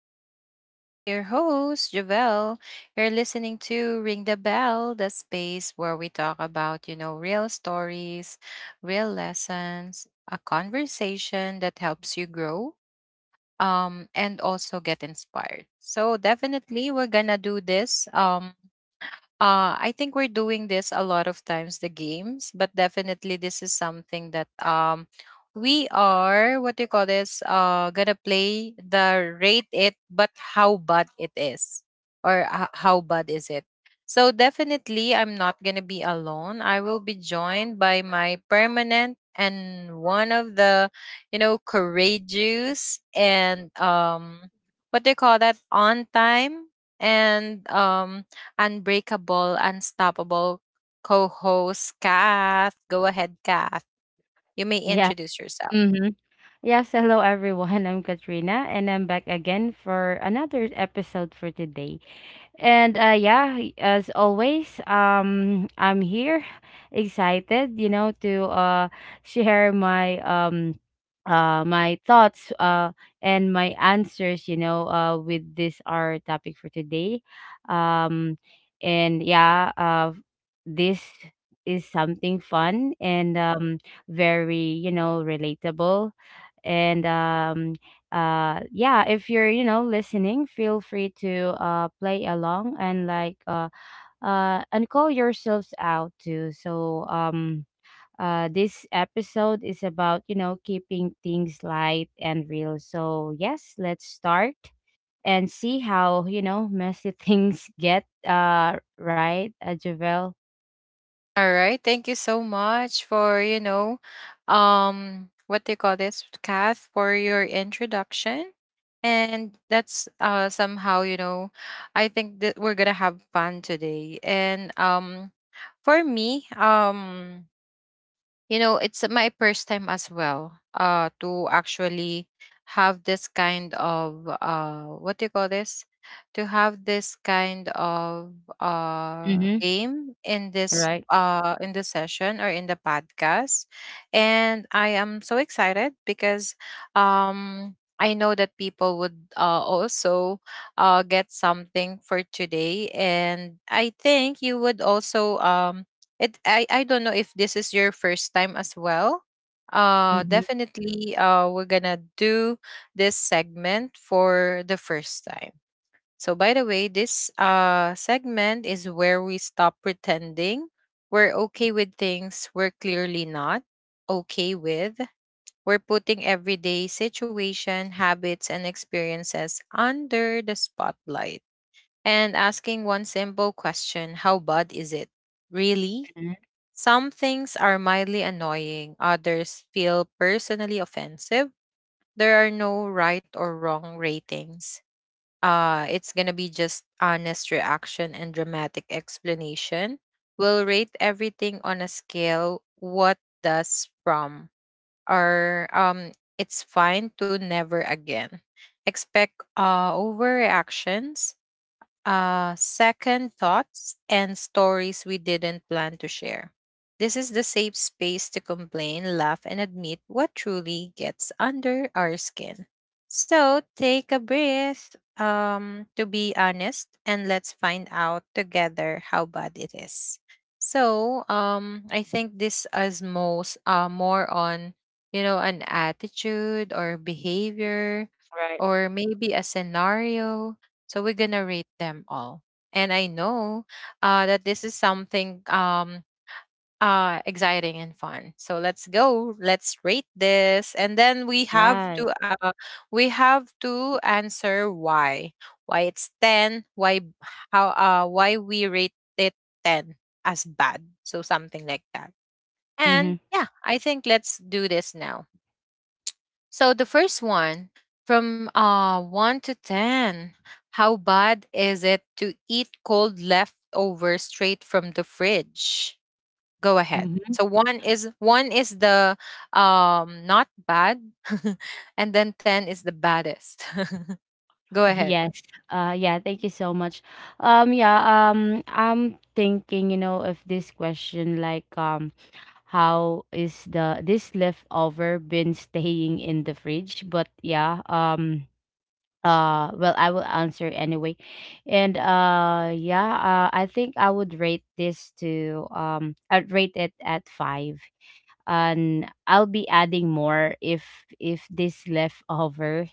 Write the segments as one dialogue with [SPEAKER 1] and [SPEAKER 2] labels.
[SPEAKER 1] show. And I'm your host, Javelle. You're listening to Ring the Bell, the space where we talk about, you know, real stories, real lessons, a conversation that helps you grow and also get inspired. So, definitely, we're going to do this. I think we're doing this a lot of times, the games, but definitely this is something that we are what do you call this? Gonna play the rate it, but how bad it is, or how bad is it? So definitely, I'm not gonna be alone. I will be joined by my permanent and one of the you know courageous and what do you call that on time and unbreakable, unstoppable co host, Kath. Go ahead, Kath. You may
[SPEAKER 2] Yeah.
[SPEAKER 1] introduce yourself.
[SPEAKER 2] Mm-hmm. Yes, hello everyone. I'm Katrina and I'm back again for another episode for today. And yeah, as always, I'm here, excited, to share my thoughts, and my answers, with this our topic for today. Um, and yeah, this is something fun and very, relatable. And yeah, if you're listening, feel free to play along, and like and call yourselves out too. So this episode is about keeping things light and real, so yes, let's start and see how messy things get, right, Javel?
[SPEAKER 1] All right. Thank you so much for, you know, what do you call this, Kath, for your introduction. And that's somehow, you know, I think that we're gonna have fun today. And for me, you know it's my first time as well to actually have this kind of what do you call this to have this kind of
[SPEAKER 2] Mm-hmm.
[SPEAKER 1] game in this
[SPEAKER 2] Right.
[SPEAKER 1] in the session or in the podcast. And I am so excited because I know that people would also get something for today, and I think you would also it I don't know if this is your first time as well.
[SPEAKER 2] Mm-hmm.
[SPEAKER 1] Definitely we're gonna do this segment for the first time. So by the way, this segment is where we stop pretending we're okay with things we're clearly not okay with. We're putting everyday situation habits and experiences under the spotlight and asking one simple question: how bad is it really? Some things are mildly annoying, others feel personally offensive. There are no right or wrong ratings. It's going to be just honest reaction and dramatic explanation. We'll rate everything on a scale what does from or it's fine to never again. Expect overreactions, second thoughts, and stories we didn't plan to share. This is the safe space to complain, laugh, and admit what truly gets under our skin. So take a breath, to be honest, and let's find out together how bad it is. So I think this is most more on you know an attitude or behavior
[SPEAKER 2] Right,
[SPEAKER 1] or maybe a scenario, so we're gonna rate them all. And I know that this is something exciting and fun. So let's go. Let's rate this, and then
[SPEAKER 2] right.
[SPEAKER 1] we have to answer why it's ten, how why we rate it ten as bad. So something like that.
[SPEAKER 2] Mm-hmm.
[SPEAKER 1] And yeah, I think let's do this now. So the first one, from 1 to 10. How bad is it to eat cold leftover straight from the fridge? Go ahead.
[SPEAKER 2] Mm-hmm.
[SPEAKER 1] So one is the not bad and then 10 is the baddest. Go ahead.
[SPEAKER 2] Yes. Yeah, thank you so much. Yeah, I'm thinking, you know, if this question like how is the this leftover been staying in the fridge? But yeah, well, I will answer anyway. And yeah, I think I would rate this to I'd rate it at 5, and I'll be adding more if this leftover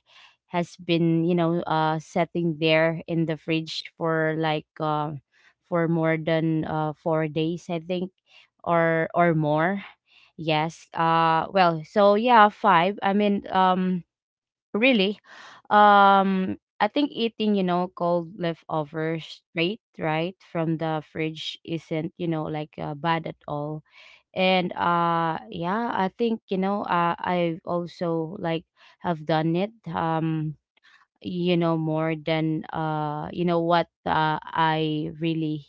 [SPEAKER 2] has been setting there in the fridge for like for more than 4 days, I think, or more. Yes, well, so yeah, five, I mean, really, I think eating, you know, cold leftovers straight, right, from the fridge isn't, you know, like bad at all. And yeah, I think, I've also like have done it, you know, more than you know what I really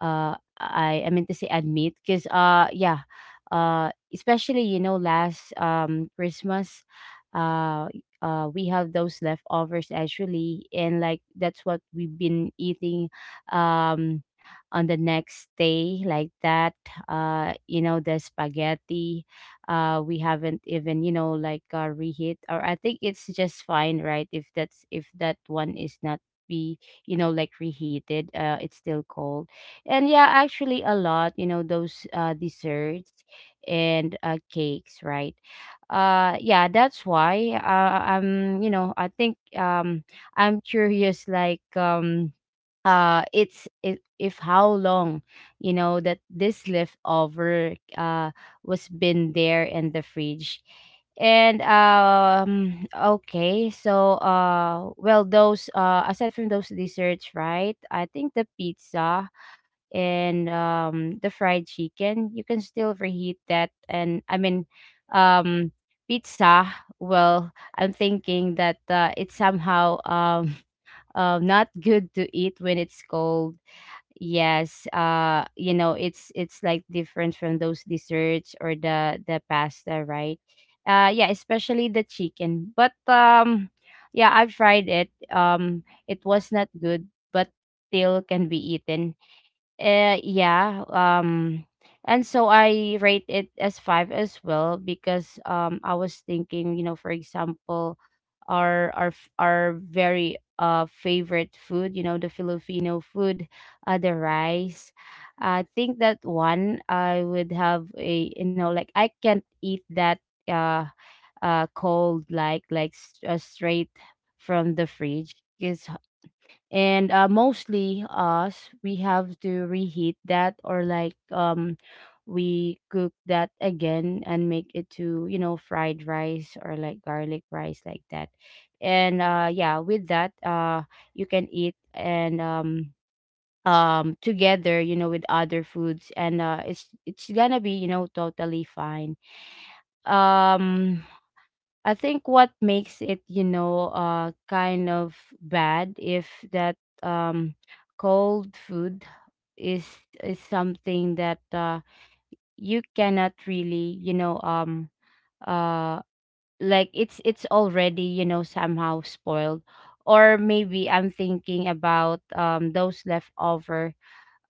[SPEAKER 2] I mean to say admit because yeah, especially, you know, last Christmas, uh we have those leftovers actually, and like that's what we've been eating, um on the next day like that, you know, the spaghetti, we haven't even, you know, like reheat, or I think it's just fine, right, if that's if that one is not be, you know, like reheated, it's still cold. And yeah, actually a lot, you know, those desserts and cakes, right? Yeah, that's why, I'm, you know, I think, I'm curious like, it's if how long, you know, that this leftover was been there in the fridge. And okay, so well, those aside from those desserts, right, I think the pizza and the fried chicken, you can still reheat that. And I mean, um pizza, well, I'm thinking that it's somehow not good to eat when it's cold. Yes, you know, it's like different from those desserts or the pasta, right? Yeah, especially the chicken. But yeah, I've tried it. It was not good, but still can be eaten. Yeah. And so I rate it as five as well, because I was thinking, you know, for example, our very favorite food, you know, the Filipino food, the rice. I think that one I would have a, you know, like I can't eat that uh cold, like straight from the fridge, because, and mostly us, we have to reheat that or like we cook that again and make it to, you know, fried rice or like garlic rice like that. And yeah, with that, you can eat, and together, you know, with other foods, and it's gonna be, you know, totally fine. um I think what makes it, you know, kind of bad if that, um, cold food, is is something that, you cannot really, you know, uh, like it's already, you know, somehow spoiled, or maybe I'm thinking about those leftover,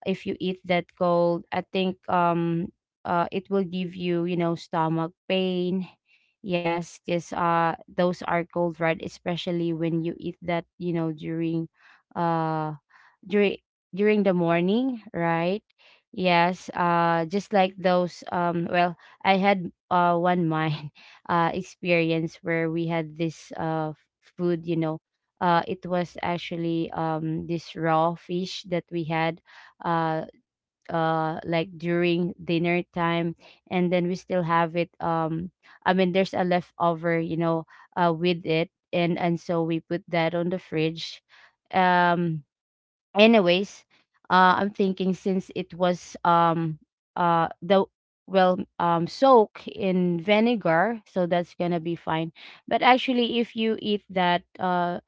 [SPEAKER 2] if you eat that cold, I think it will give you, you know, stomach pain. Yes, because those are cold, right, especially when you eat that, you know, during uh during during the morning, right? Yes, just like those well, I had one mine experience where we had this food, you know. It was actually this raw fish that we had, uh like during dinner time, and then we still have it, I mean there's a leftover, you know, with it, and so we put that on the fridge. Um Anyways, I'm thinking since it was the well, soak in vinegar, so that's gonna be fine. But actually, if you eat that uh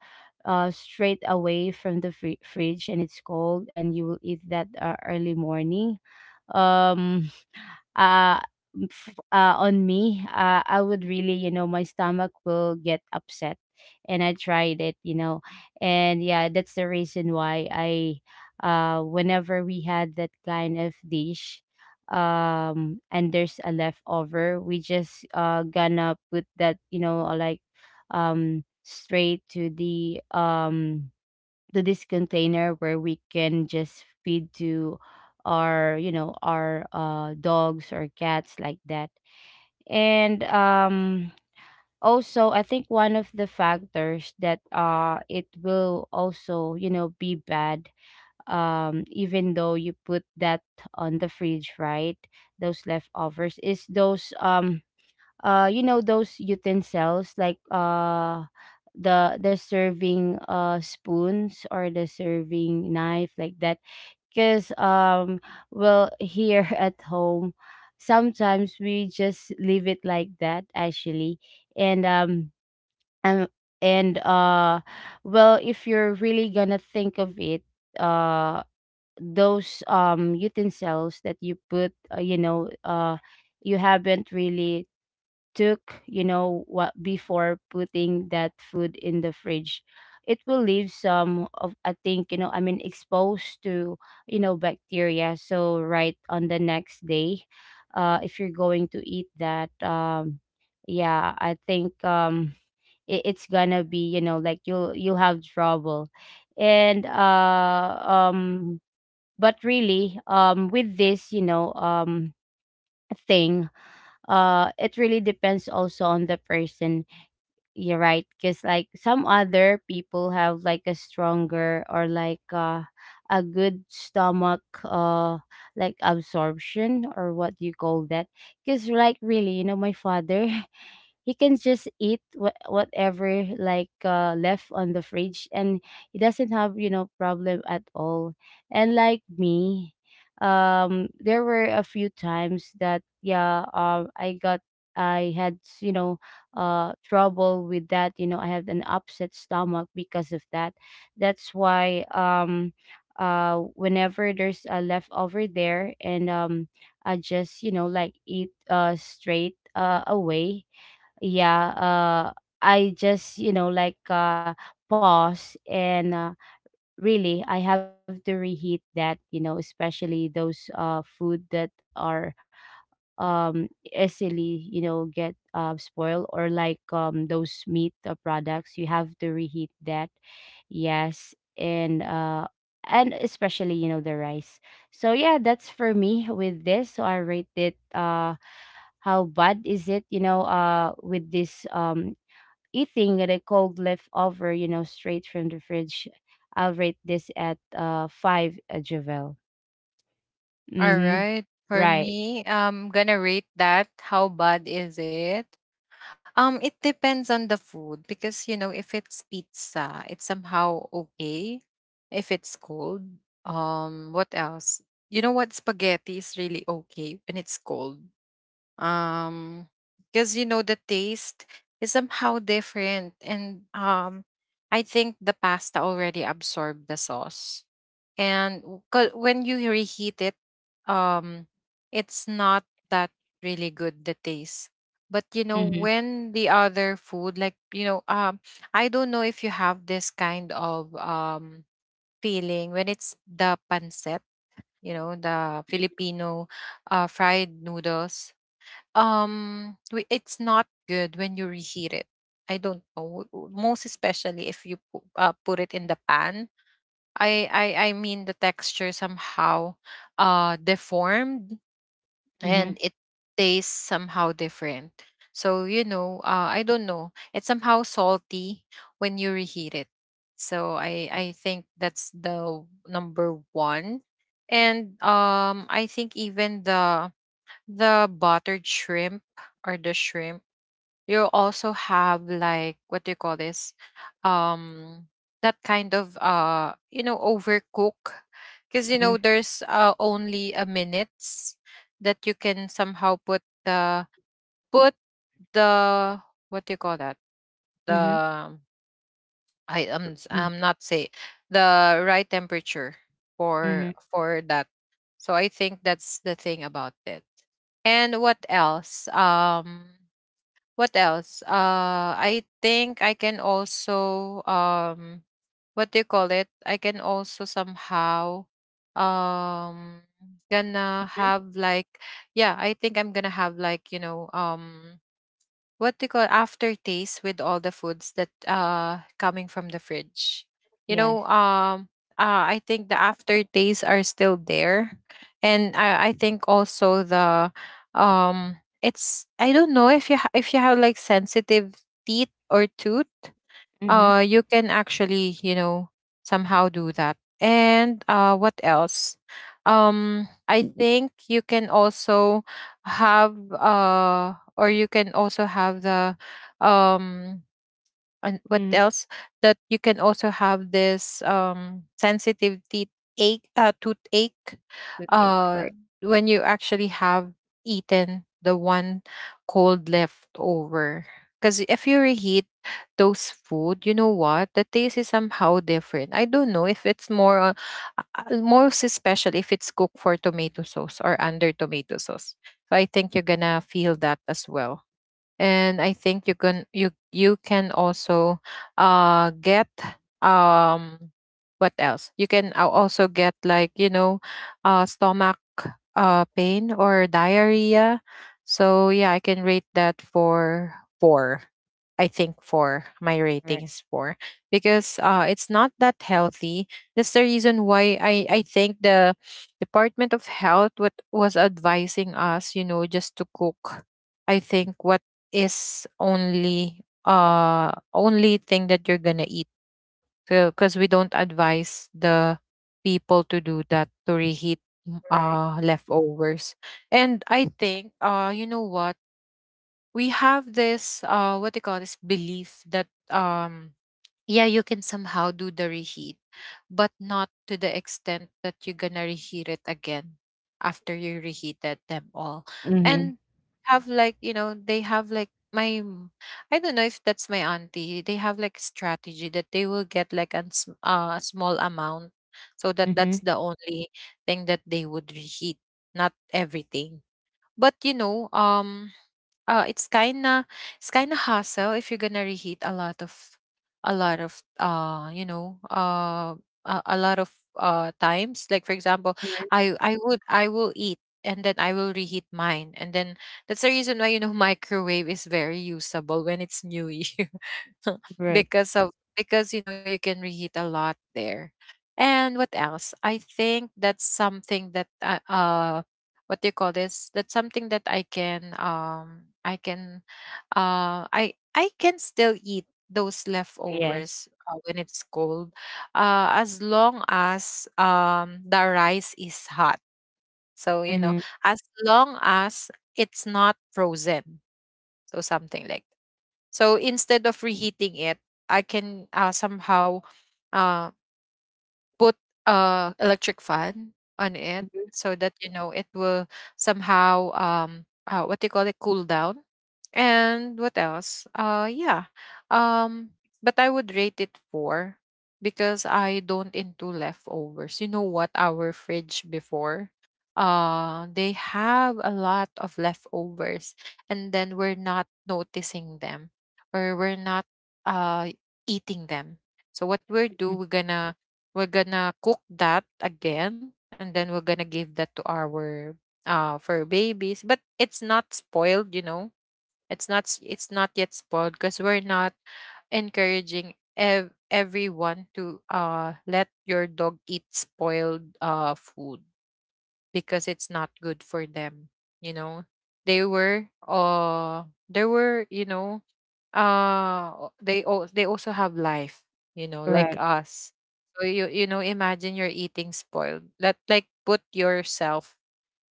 [SPEAKER 2] uh straight away from the fridge and it's cold, and you will eat that early morning, um uh, on me, I would really, you know, my stomach will get upset. And I tried it, you know, and yeah, that's the reason why I, whenever we had that kind of dish, and there's a leftover, we just gonna put that, you know, like, um, straight to the to this container where we can just feed to our, you know, our dogs or cats like that. And also I think one of the factors that it will also, you know, be bad, even though you put that on the fridge, right, those leftovers is those you know, those utensils like the serving spoons or the serving knife like that, because well, here at home, sometimes we just leave it like that actually. And and, and well, if you're really gonna think of it, uh those utensils that you put, you haven't really took, you know, what, before putting that food in the fridge, it will leave some of, I think, you know, I mean exposed to, you know, bacteria. So right on the next day, if you're going to eat that, yeah, I think it, it's gonna be, you know, like you'll have trouble. And but really, with this, you know, thing, it really depends also on the person, you're right, because like some other people have like a stronger, or like a good stomach, like absorption, or what do you call that, because like really, you know, my father he can just eat whatever, like left on the fridge, and he doesn't have, you know, problem at all. And like me, there were a few times that yeah, I got, I had, you know, trouble with that, you know, I had an upset stomach because of that. That's why, whenever there's a leftover there, and I just, you know, like eat straight away, yeah, I just, you know, like, pause, and really I have to reheat that, you know, especially those food that are um easily, you know, get spoiled, or like those meat products, you have to reheat that. Yes, and especially, you know, the rice. So yeah, that's for me with this, so I rate it how bad is it, you know, with this eating a cold leftover, you know, straight from the fridge. I'll rate this at five, Javel.
[SPEAKER 1] All
[SPEAKER 2] Mm-hmm.
[SPEAKER 1] right. For
[SPEAKER 2] Right.
[SPEAKER 1] me, I'm gonna rate that. How bad is it? It depends on the food because you know if it's pizza, it's somehow okay. If it's cold, what else? You know what? Spaghetti is really okay when it's cold. Um, because you know the taste is somehow different, and I think the pasta already absorbed the sauce 'cause when you reheat it um it's not that really good the taste. But you know
[SPEAKER 2] Mm-hmm.
[SPEAKER 1] when the other food like you know I don't know if you have this kind of feeling when it's the pancit, you know, the Filipino fried noodles, it's not good when you reheat it. I don't know most especially if you put it in the pan. I mean the texture somehow deformed and
[SPEAKER 2] Mm-hmm.
[SPEAKER 1] it tastes somehow different. So you know, I don't know. It's somehow salty when you reheat it. So I think that's the number one. And I think even the buttered shrimp or the shrimp, you also have like what do you call this, um that kind of you know overcook because you know
[SPEAKER 2] Mm-hmm.
[SPEAKER 1] there's only a minutes that you can somehow put the put the what do you call that,
[SPEAKER 2] Mm-hmm.
[SPEAKER 1] the I'm not say the right temperature for
[SPEAKER 2] Mm-hmm.
[SPEAKER 1] that. So I think that's the thing about it. And what else, what else? I think I can also what do you call it? I can also somehow um gonna have like, yeah, I think I'm gonna have like, you know, what they call aftertaste with all the foods that coming from the fridge. You
[SPEAKER 2] Yes.
[SPEAKER 1] know, I think the aftertaste are still there. And I think also the it's I don't know if you if you have like sensitive teeth or tooth,
[SPEAKER 2] Mm-hmm.
[SPEAKER 1] you can actually, you know, somehow do that. And what else? I think you can also have, or you can also have the um, and what
[SPEAKER 2] Mm-hmm.
[SPEAKER 1] else, that you can also have this sensitive teeth ache, toothache,
[SPEAKER 2] Good eight.
[SPEAKER 1] uh
[SPEAKER 2] Right.
[SPEAKER 1] when you actually have eaten the one cold leftover. Because if you reheat those food you know what the taste is somehow different, I don't know if it's more most especially if it's cooked for tomato sauce or under tomato sauce, so I think you're gonna feel that as well. And I think you you can also get um what else? You can also get like you know stomach pain or diarrhea. So yeah, I can rate that for four. I think four. My rating
[SPEAKER 2] Right.
[SPEAKER 1] is four because it's not that healthy. That's the reason why I think the Department of Health what was advising us, you know, just to cook I think what is only only thing that you're gonna eat, because we don't advise the people to do that, to reheat
[SPEAKER 2] Right.
[SPEAKER 1] leftovers. And I think you know what, we have this what they call this belief that yeah, you can somehow do the reheat, but not to the extent that you're gonna reheat it again after you reheated them all.
[SPEAKER 2] Mm-hmm.
[SPEAKER 1] And have like, you know, they have like I don't know if that's my auntie. They have like strategy that they will get like a small amount so that
[SPEAKER 2] Mm-hmm.
[SPEAKER 1] that's the only thing that they would reheat, not everything. But you know, it's kinda, it's kinda hassle if you're gonna reheat a lot of, a lot of you know a lot of times, like for example, I would I will eat and then I will reheat mine, and then that's the reason why you know microwave is very usable when it's new year
[SPEAKER 2] Right.
[SPEAKER 1] because of, because you know you can reheat a lot there. And what else, I think that's something that what do you call this, that's something that I can I can I can still eat those
[SPEAKER 2] Yes.
[SPEAKER 1] leftovers, when it's cold, as long as the rice is hot. So you know,
[SPEAKER 2] Mm-hmm.
[SPEAKER 1] as long as it's not frozen. So something like, so instead of reheating it, I can somehow um put a electric fan on it
[SPEAKER 2] Mm-hmm.
[SPEAKER 1] so that you know it will somehow what do you call it, cool down. And what else, yeah, um but I would rate it four because I don't into leftovers you know what our fridge before, they have a lot of leftovers and then we're not noticing them or we're not uh eating them. So what we're do we're gonna, we're gonna cook that again and then we're gonna give that to our for babies. But it's not spoiled, you know, it's not it's not yet spoiled, because we're not encouraging everyone to let your dog eat spoiled food because it's not good for them. You know, they were there were, you know, they they also have life, you know, like
[SPEAKER 2] Right.
[SPEAKER 1] us. So you know, imagine you're eating spoiled that, like, put yourself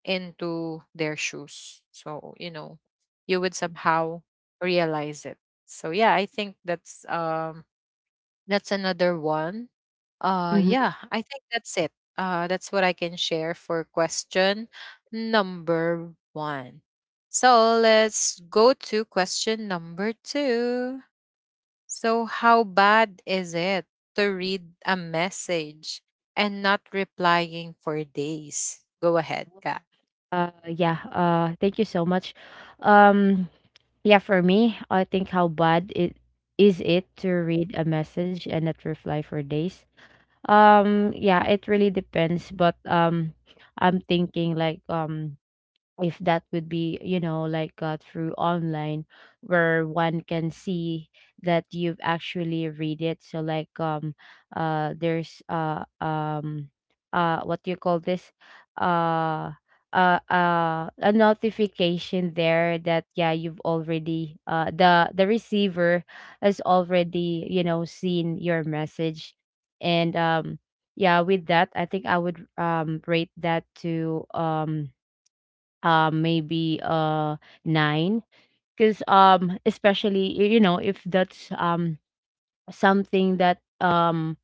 [SPEAKER 1] into their shoes, so you know you would somehow realize it. So yeah, I think that's another one. Yeah, I think that's it. That's what I can share for question number one. So let's go to question number two. So, how bad is it to read a message and not replying for days? Go ahead, Kat.
[SPEAKER 2] Yeah, thank you so much. Um, yeah, for me, I think how bad it is it to read a message and not reply for days. Yeah, it really depends, but I'm thinking like if that would be, you know, like through online, where one can see that you've actually read it, so like there's what do you call this, uh a notification there that yeah, you've already the receiver has already, you know, seen your message. And yeah, with that, I think I would rate that to maybe 9, because especially you know, if that's something that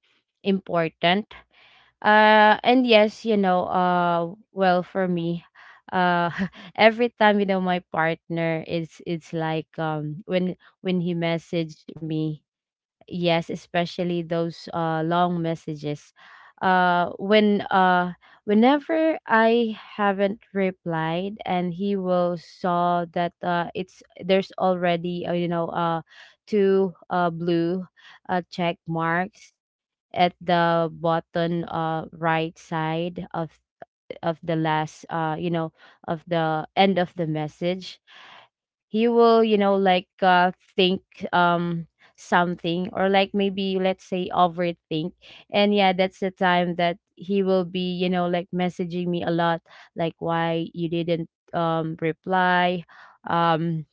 [SPEAKER 2] important. And yes, you know, well, for me, uh every time, you know, my partner is, it's like when he messaged me. Yes, especially those long messages. Uh, when uh, Whenever I haven't replied, and he will saw that it's there's already two blue check marks at the bottom right side of the last of the end of the message, he will, you know, like think um something, or like maybe let's say overthink. And yeah, that's the time that he will be, you know, like messaging me a lot, like, "Why you didn't reply? um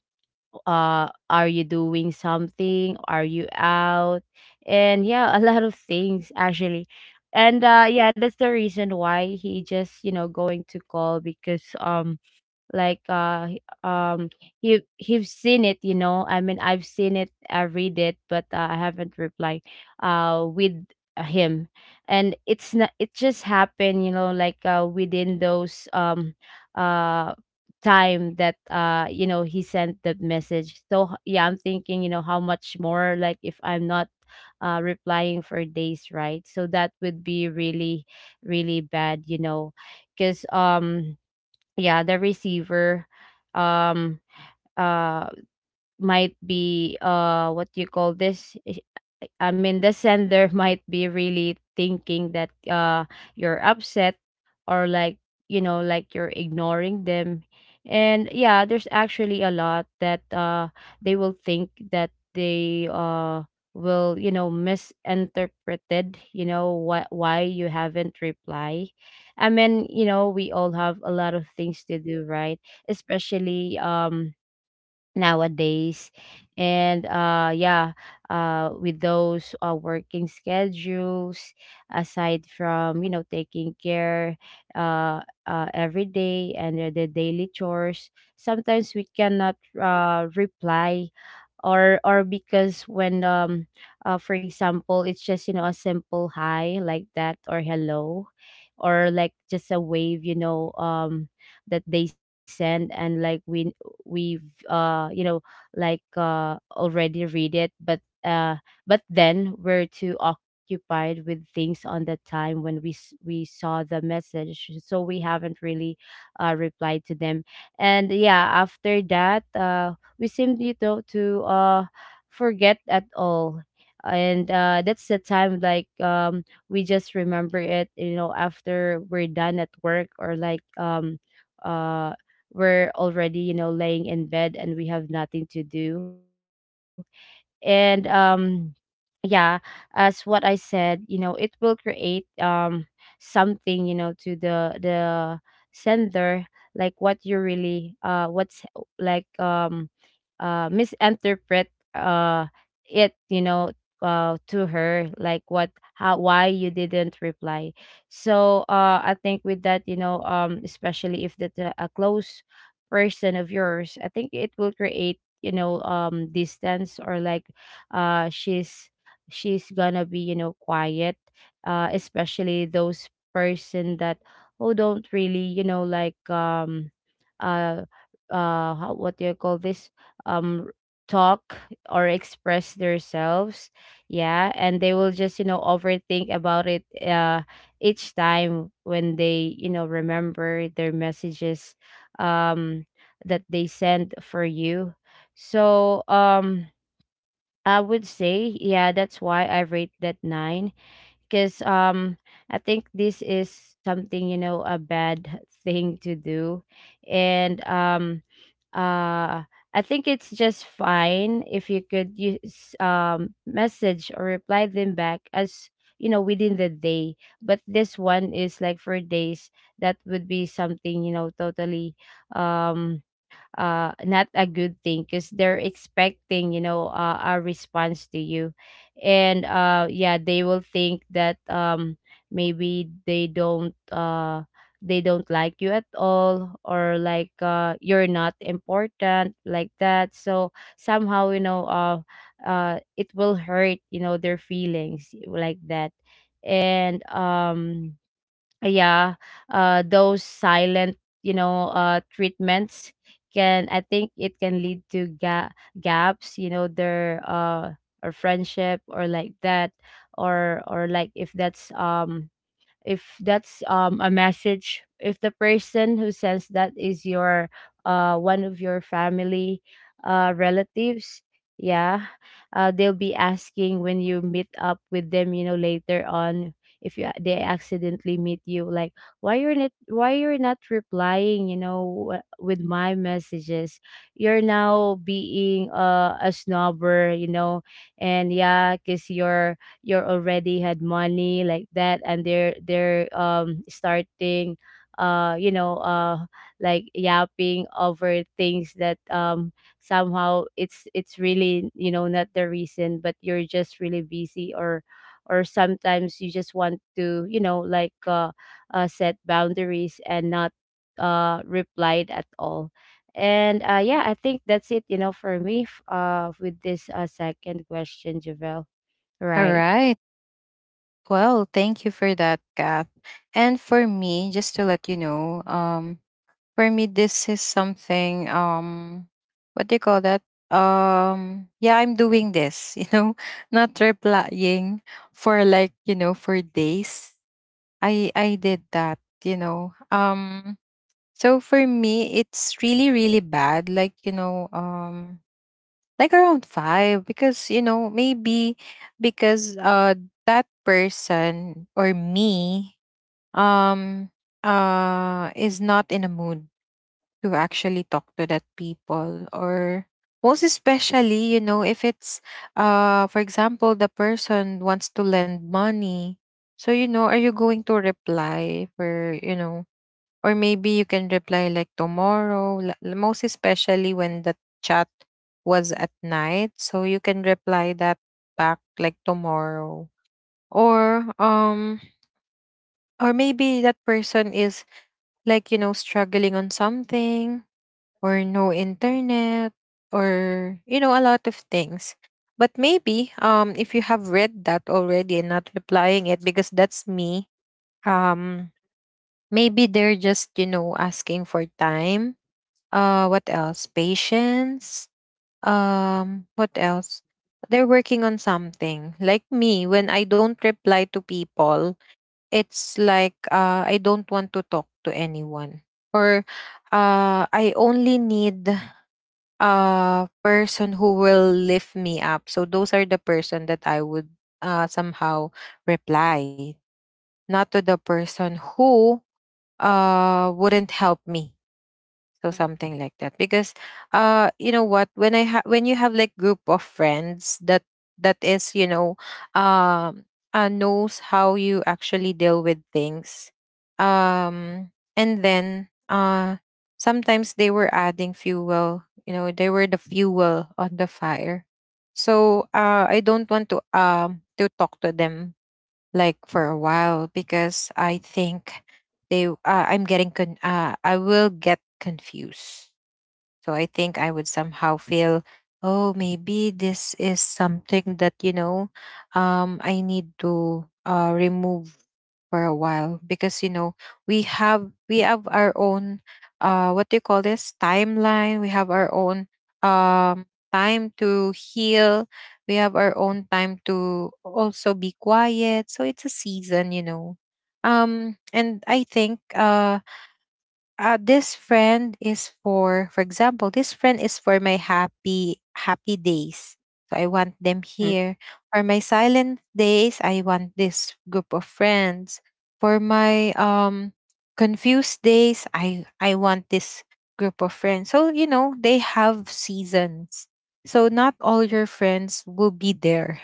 [SPEAKER 2] are you doing something? Are you out?" And yeah, a lot of things actually. And yeah, that's the reason why he just, you know, going to call, because like uh he- um he've seen it. You know, I mean, I've seen it, I read it, but I haven't replied with him. And it's not, it just happened, you know, like within those uh time that, you know, he sent that message. So yeah, I'm thinking, you know, how much more like if I'm not replying for days, right? So that would be really, really bad, you know. Because yeah, the receiver um uh might be, what do you call this? I mean, the sender might be really thinking that you're upset, or like, you know, like you're ignoring them. And yeah, there's actually a lot that they will think, that they will, you know, misinterpreted, you know, what, why you haven't reply. I mean, you know, we all have a lot of things to do, right? Especially nowadays, and yeah, with those working schedules, aside from, you know, taking care uh, every day, and the daily chores. Sometimes we cannot reply, or because when for example, it's just, you know, a simple hi like that, or hello, or like just a wave, you know, that they send, and like we, we've you know, like already read it, but then we're too occupied with things on the time when we saw the message, so we haven't really replied to them. And yeah, after that we seem, you know, to forget at all. And that's the time, like, we just remember it, you know, after we're done at work, or like, uh we're already, you know, laying in bed, and we have nothing to do. And yeah, as what I said, you know, it will create something, you know, to the sender, like, what you really what's like misinterpret it, you know, to her, like, what, how, why you didn't reply. So I think with that, you know, especially if that's a close person of yours, I think it will create, you know, distance, or like uh she's she's gonna be, you know, quiet, especially those person that who don't really, you know, like, uh how, what do you call this? um Talk, or express themselves. Yeah, and they will just, you know, overthink about it each time when they, you know, remember their messages um that they sent for you. So, I would say, yeah, that's why I rate that nine. Because, I think this is something, you know, a bad thing to do. And uh, I think it's just fine if you could use, message or reply them back as, you know, within the day. But this one is like for days. That would be something, you know, totally. Um, Not a good thing, because they're expecting, you know, a response to you, and yeah, they will think that maybe they don't like you at all, or like you're not important, like that, so somehow, you know, it will hurt, you know, their feelings, like that. And yeah, those silent, you know, treatments can I think it can lead to gaps, you know, their or friendship, or like that, or like, if that's um a message, if the person who sends that is your one of your family relatives. Yeah, they'll be asking when you meet up with them, you know, later on, if you, they accidentally meet you, like, why you're not replying, you know, with my messages? You're now being, a snobber, you know." And yeah, because you're already had money, like that, and they're starting, you know, like yapping over things, that somehow it's really, you know, not the reason, but you're just really busy, or sometimes you just want to, you know, like, set boundaries, and not replied at all. And yeah, I think that's it, you know, for me, with this second question, Javel,
[SPEAKER 1] All
[SPEAKER 2] right?
[SPEAKER 1] right. Well, thank you for that, Kath. And for me, just to let you know, for me this is something what do you call that? Yeah, I'm doing this, not replying for like, for days. I did that. So for me, it's really, really bad. Like, like around five, because, maybe because that person or me um is not in a mood to actually talk to that people, or most especially, if it's, for example, the person wants to lend money. So, are you going to reply for, or maybe you can reply like tomorrow, most especially when the chat was at night. So you can reply that back like tomorrow. Or um or maybe that person is, like, struggling on something, or no internet, or a lot of things. But maybe, if you have read that already and not replying it because that's me, um maybe they're just, asking for time, what else, patience, what else, they're working on something, like me. When I don't reply to people, it's like, I don't want to talk to anyone, or I only need a person who will lift me up, so those are the person that I would somehow reply, not to the person who wouldn't help me, so something like that. Because, you know what, when when you have like group of friends that is, um knows how you actually deal with things. Um and then, sometimes they were adding fuel, they were the fuel on the fire. So I don't want to talk to them, like, for a while, because I think they I will get confused. So I think I would somehow feel, oh, maybe this is something that, I need to, remove for a while because, we have our own, what do you call this, timeline. We have our own um time to heal. We have our own time to also be quiet. So it's a season. And I think, this friend is, for example, this friend is for my happy, happy days, so I want them
[SPEAKER 2] Mm.
[SPEAKER 1] here. For my silent days, I want this group of friends. For my confused days, I want this group of friends. So they have seasons, so not all your friends will be there.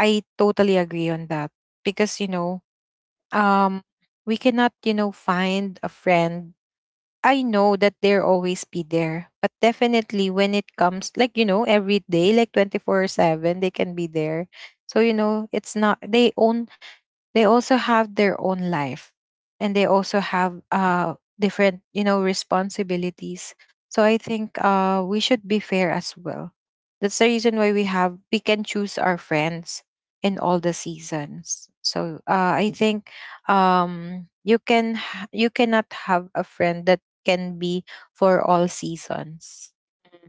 [SPEAKER 1] I totally agree on that, because um we cannot, find a friend. I know that they're always be there, but definitely when it comes, like, every day, like, 24/7, they can be there. So, it's not, they also have their own life, and they also have, different, responsibilities. So I think, we should be fair as well. That's the reason why we can choose our friends in all the seasons. So, I think, you cannot have a friend that can be for all seasons,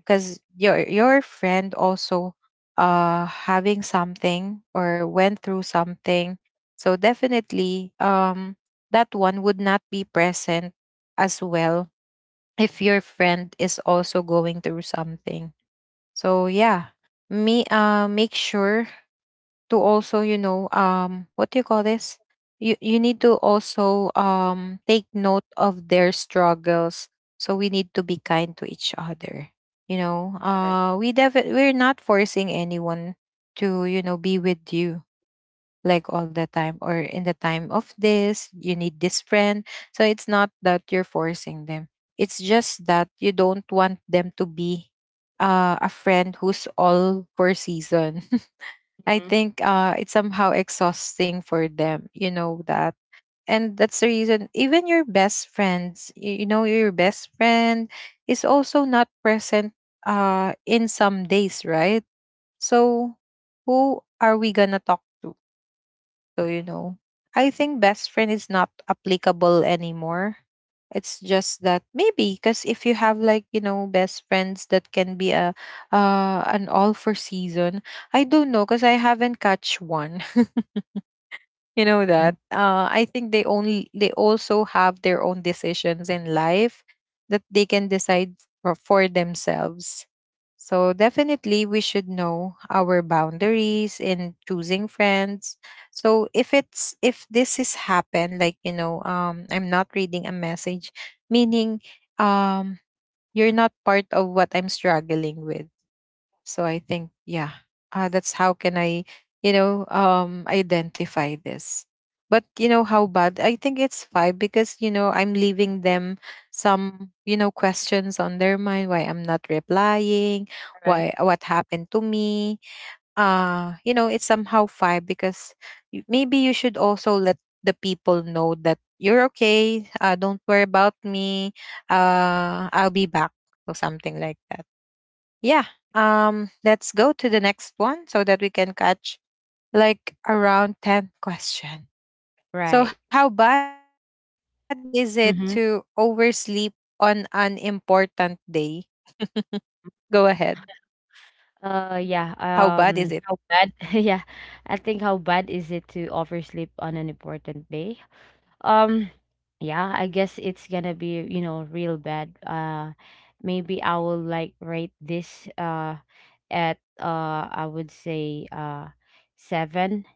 [SPEAKER 1] because your friend also, having something or went through something. So definitely, that one would not be present as well if your friend is also going through something, so yeah. Me, make sure to also, what do you call this, you need to also take note of their struggles. So we need to be kind to each other,
[SPEAKER 2] Right.
[SPEAKER 1] we're not forcing anyone to be with you like all the time, or in the time of this you need this friend. So it's not that you're forcing them, it's just that you don't want them to be, a friend who's all for season. I
[SPEAKER 2] Mhm.
[SPEAKER 1] think, it's somehow exhausting for them, you know that. And that's the reason, even your best friends, your best friend is also not present, in some days, right? So, who are we gonna talk to? So, I think best friend is not applicable anymore. It's just that maybe, because, if you have like, best friends that can be a an all for season, I don't know, because I haven't catch one. You know that
[SPEAKER 2] Mm.
[SPEAKER 1] I think they also have their own decisions in life that they can decide for, themselves. So definitely, we should know our boundaries in choosing friends. So if this is happen, like, I'm not reading a message, meaning um you're not part of what I'm struggling with. So I think, yeah, that's how can I, identify this. But you know how bad? I think it's five, because I'm leaving them some, questions on their mind. Why I'm not replying?
[SPEAKER 2] Right.
[SPEAKER 1] Why what happened to me? It's somehow five because, maybe you should also let the people know that you're okay. Don't worry about me. I'll be back or something like that. Yeah. Let's go to the next one so that we can catch like around 10 question. So
[SPEAKER 2] Right.
[SPEAKER 1] how bad is it to oversleep
[SPEAKER 2] Mhm.
[SPEAKER 1] on an important day? Go ahead. How bad is it?
[SPEAKER 2] Yeah. How bad? Yeah, I think how bad is it to oversleep on an important day? Um, yeah, I guess it's gonna be, you know, real bad. Maybe I will, like, rate this at I would say seven.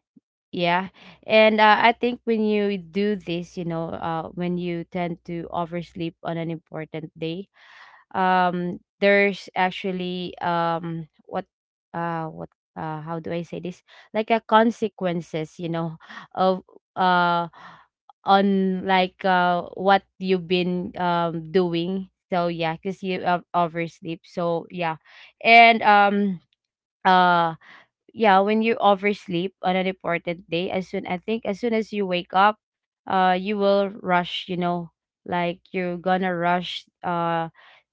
[SPEAKER 2] Yeah. And I think when you do this, you know, when you tend to oversleep on an important day, there's actually what how do I say this, like a consequences, you know, of, uh on, like, what you've been doing, so yeah, because you, oversleep, so yeah. And uh yeah, when you oversleep on a important day, as soon I think as soon as you wake up, you will rush. You know, like you're gonna rush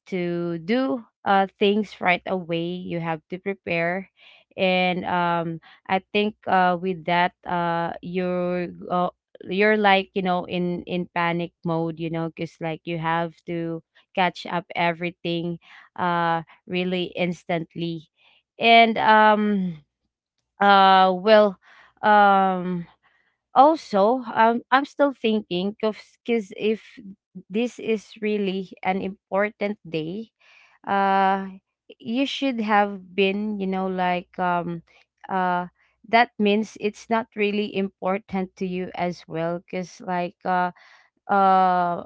[SPEAKER 2] to do things right away. You have to prepare, and I think with that, you're, like, you know, in panic mode. You know, cause like you have to catch up everything uh really instantly. And well, um also, I'm still thinking, because if this is really an important day, uh you should have been, you know, like, uh that means it's not really important to you as well, because, like, uh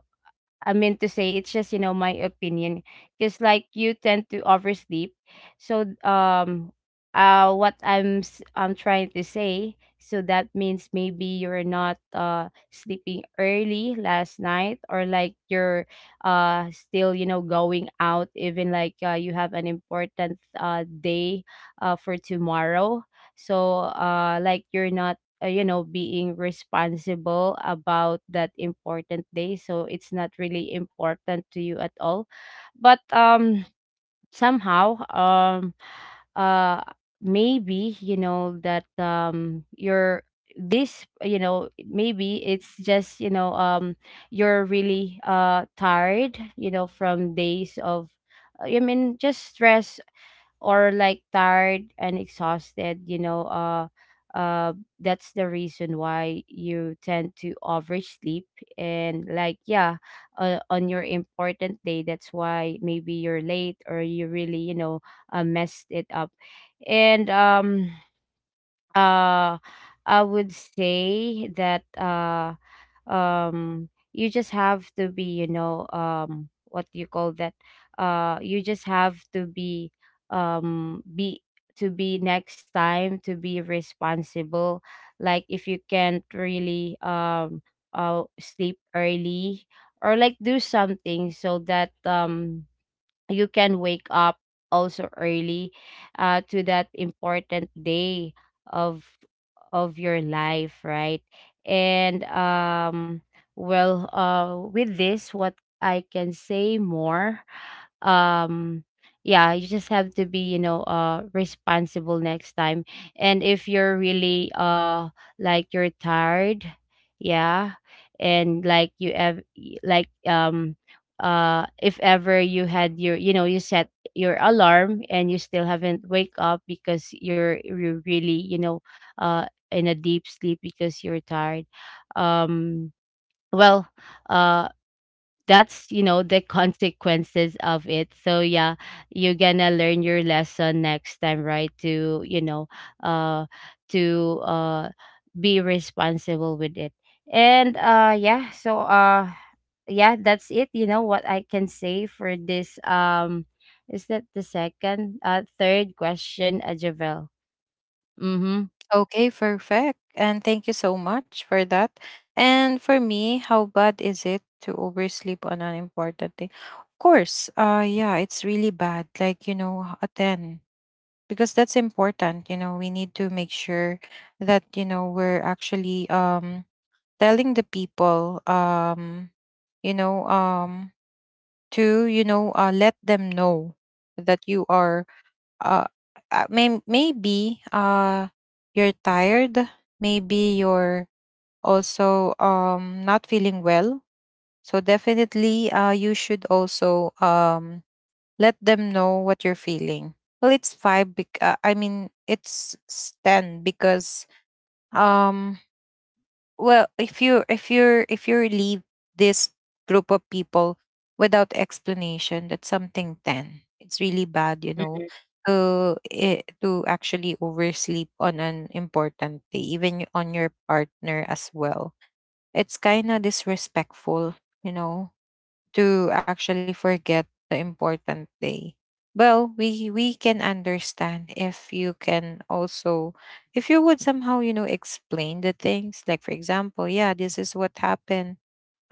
[SPEAKER 2] I mean to say, it's just, you know, my opinion. Because, like, you tend to oversleep. So, what I'm trying to say, so that means maybe you're not sleeping early last night, or like you're still, you know, going out, even like, you have an important day for tomorrow. So, like, you're not, you know, being responsible about that important day, so it's not really important to you at all. But somehow, uh maybe you know that you're this, you know, maybe it's just, you know, you're really tired, you know, from days of, I mean, just stress, or like tired and exhausted, you know, uh that's the reason why you tend to oversleep. And like yeah, on your important day, that's why maybe you're late, or you really, you know, messed it up. And uh I would say that, you just have to be, you know, what do you call that? You just have to um be be next time, to be responsible. Like if you can't really sleep early, or like do something so that you can wake up also early, to that important day of of your life, right? And well, with this, what I can say more? um yeah, you just have to be, you know, responsible next time. And if you're really like, you're tired, yeah, and like you have like, if ever you had your, you know, you set your alarm and you still haven't wake up because you're really, you know, uh in a deep sleep because you're tired. um well, uh that's, you know, the consequences of it, so yeah, you're gonna learn your lesson next time, right? To, you know, uh to be responsible with it. And yeah, so yeah, that's it, you know, what I can say for this. Is that the second third question, Javel? Mm-hmm.
[SPEAKER 1] Okay, perfect. And thank you so much for that. And for me, how bad is it to oversleep on an important thing? Of course. Yeah, it's really bad. Like, a 10, because that's important. You know we need to make sure that we're actually, telling the people, you know um to let them know that you are, uh maybe, you're tired, maybe you're also, not feeling well. So definitely, you should also, let them know what you're feeling. Well, it's five. I mean, ten because um. Well, if you leave this group of people without explanation, that's something ten. It's really bad, you
[SPEAKER 2] Mm-hmm.
[SPEAKER 1] know. To actually oversleep on an important day, even, on your partner as well. It's kind of disrespectful, you know to actually forget the important day. Well, we can understand, if you can also if you would somehow, explain the things. Like, for example, yeah, this is what happened,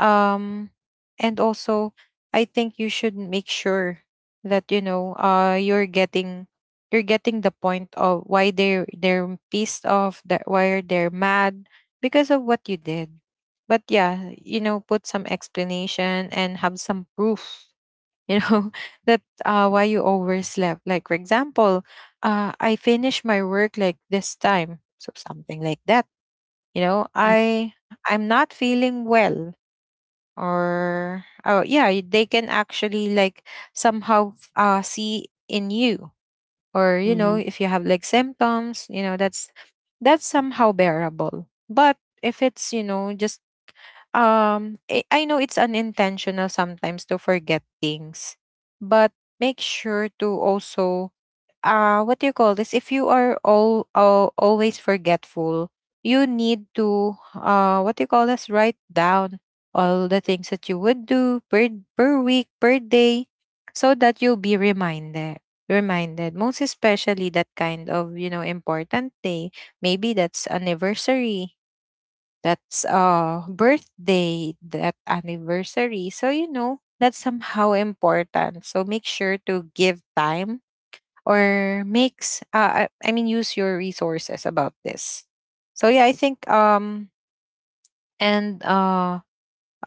[SPEAKER 1] um and also, I think you should make sure that, you're getting the point of why they're pissed off, that why they're mad because of what you did. But yeah, put some explanation and have some proof, you know that, why you overslept. Like for example, I finished my work like this time, so something like that, you know i I'm not feeling well. Or, oh yeah, they can actually like somehow, see in you, or
[SPEAKER 2] Mm-hmm.
[SPEAKER 1] if you have like symptoms, that's somehow bearable. But if it's, just, I know it's unintentional sometimes to forget things. But make sure to also, what do you call this, if you are all always forgetful, you need to, what do you call this, write down all the things that you would do per week, per day, so that you'll be reminded, most especially that kind of, important day. Maybe that's anniversary, that's, birthday, that anniversary, so that's somehow important. So make sure to give time, or makes, I mean, use your resources about this. So yeah, I think, and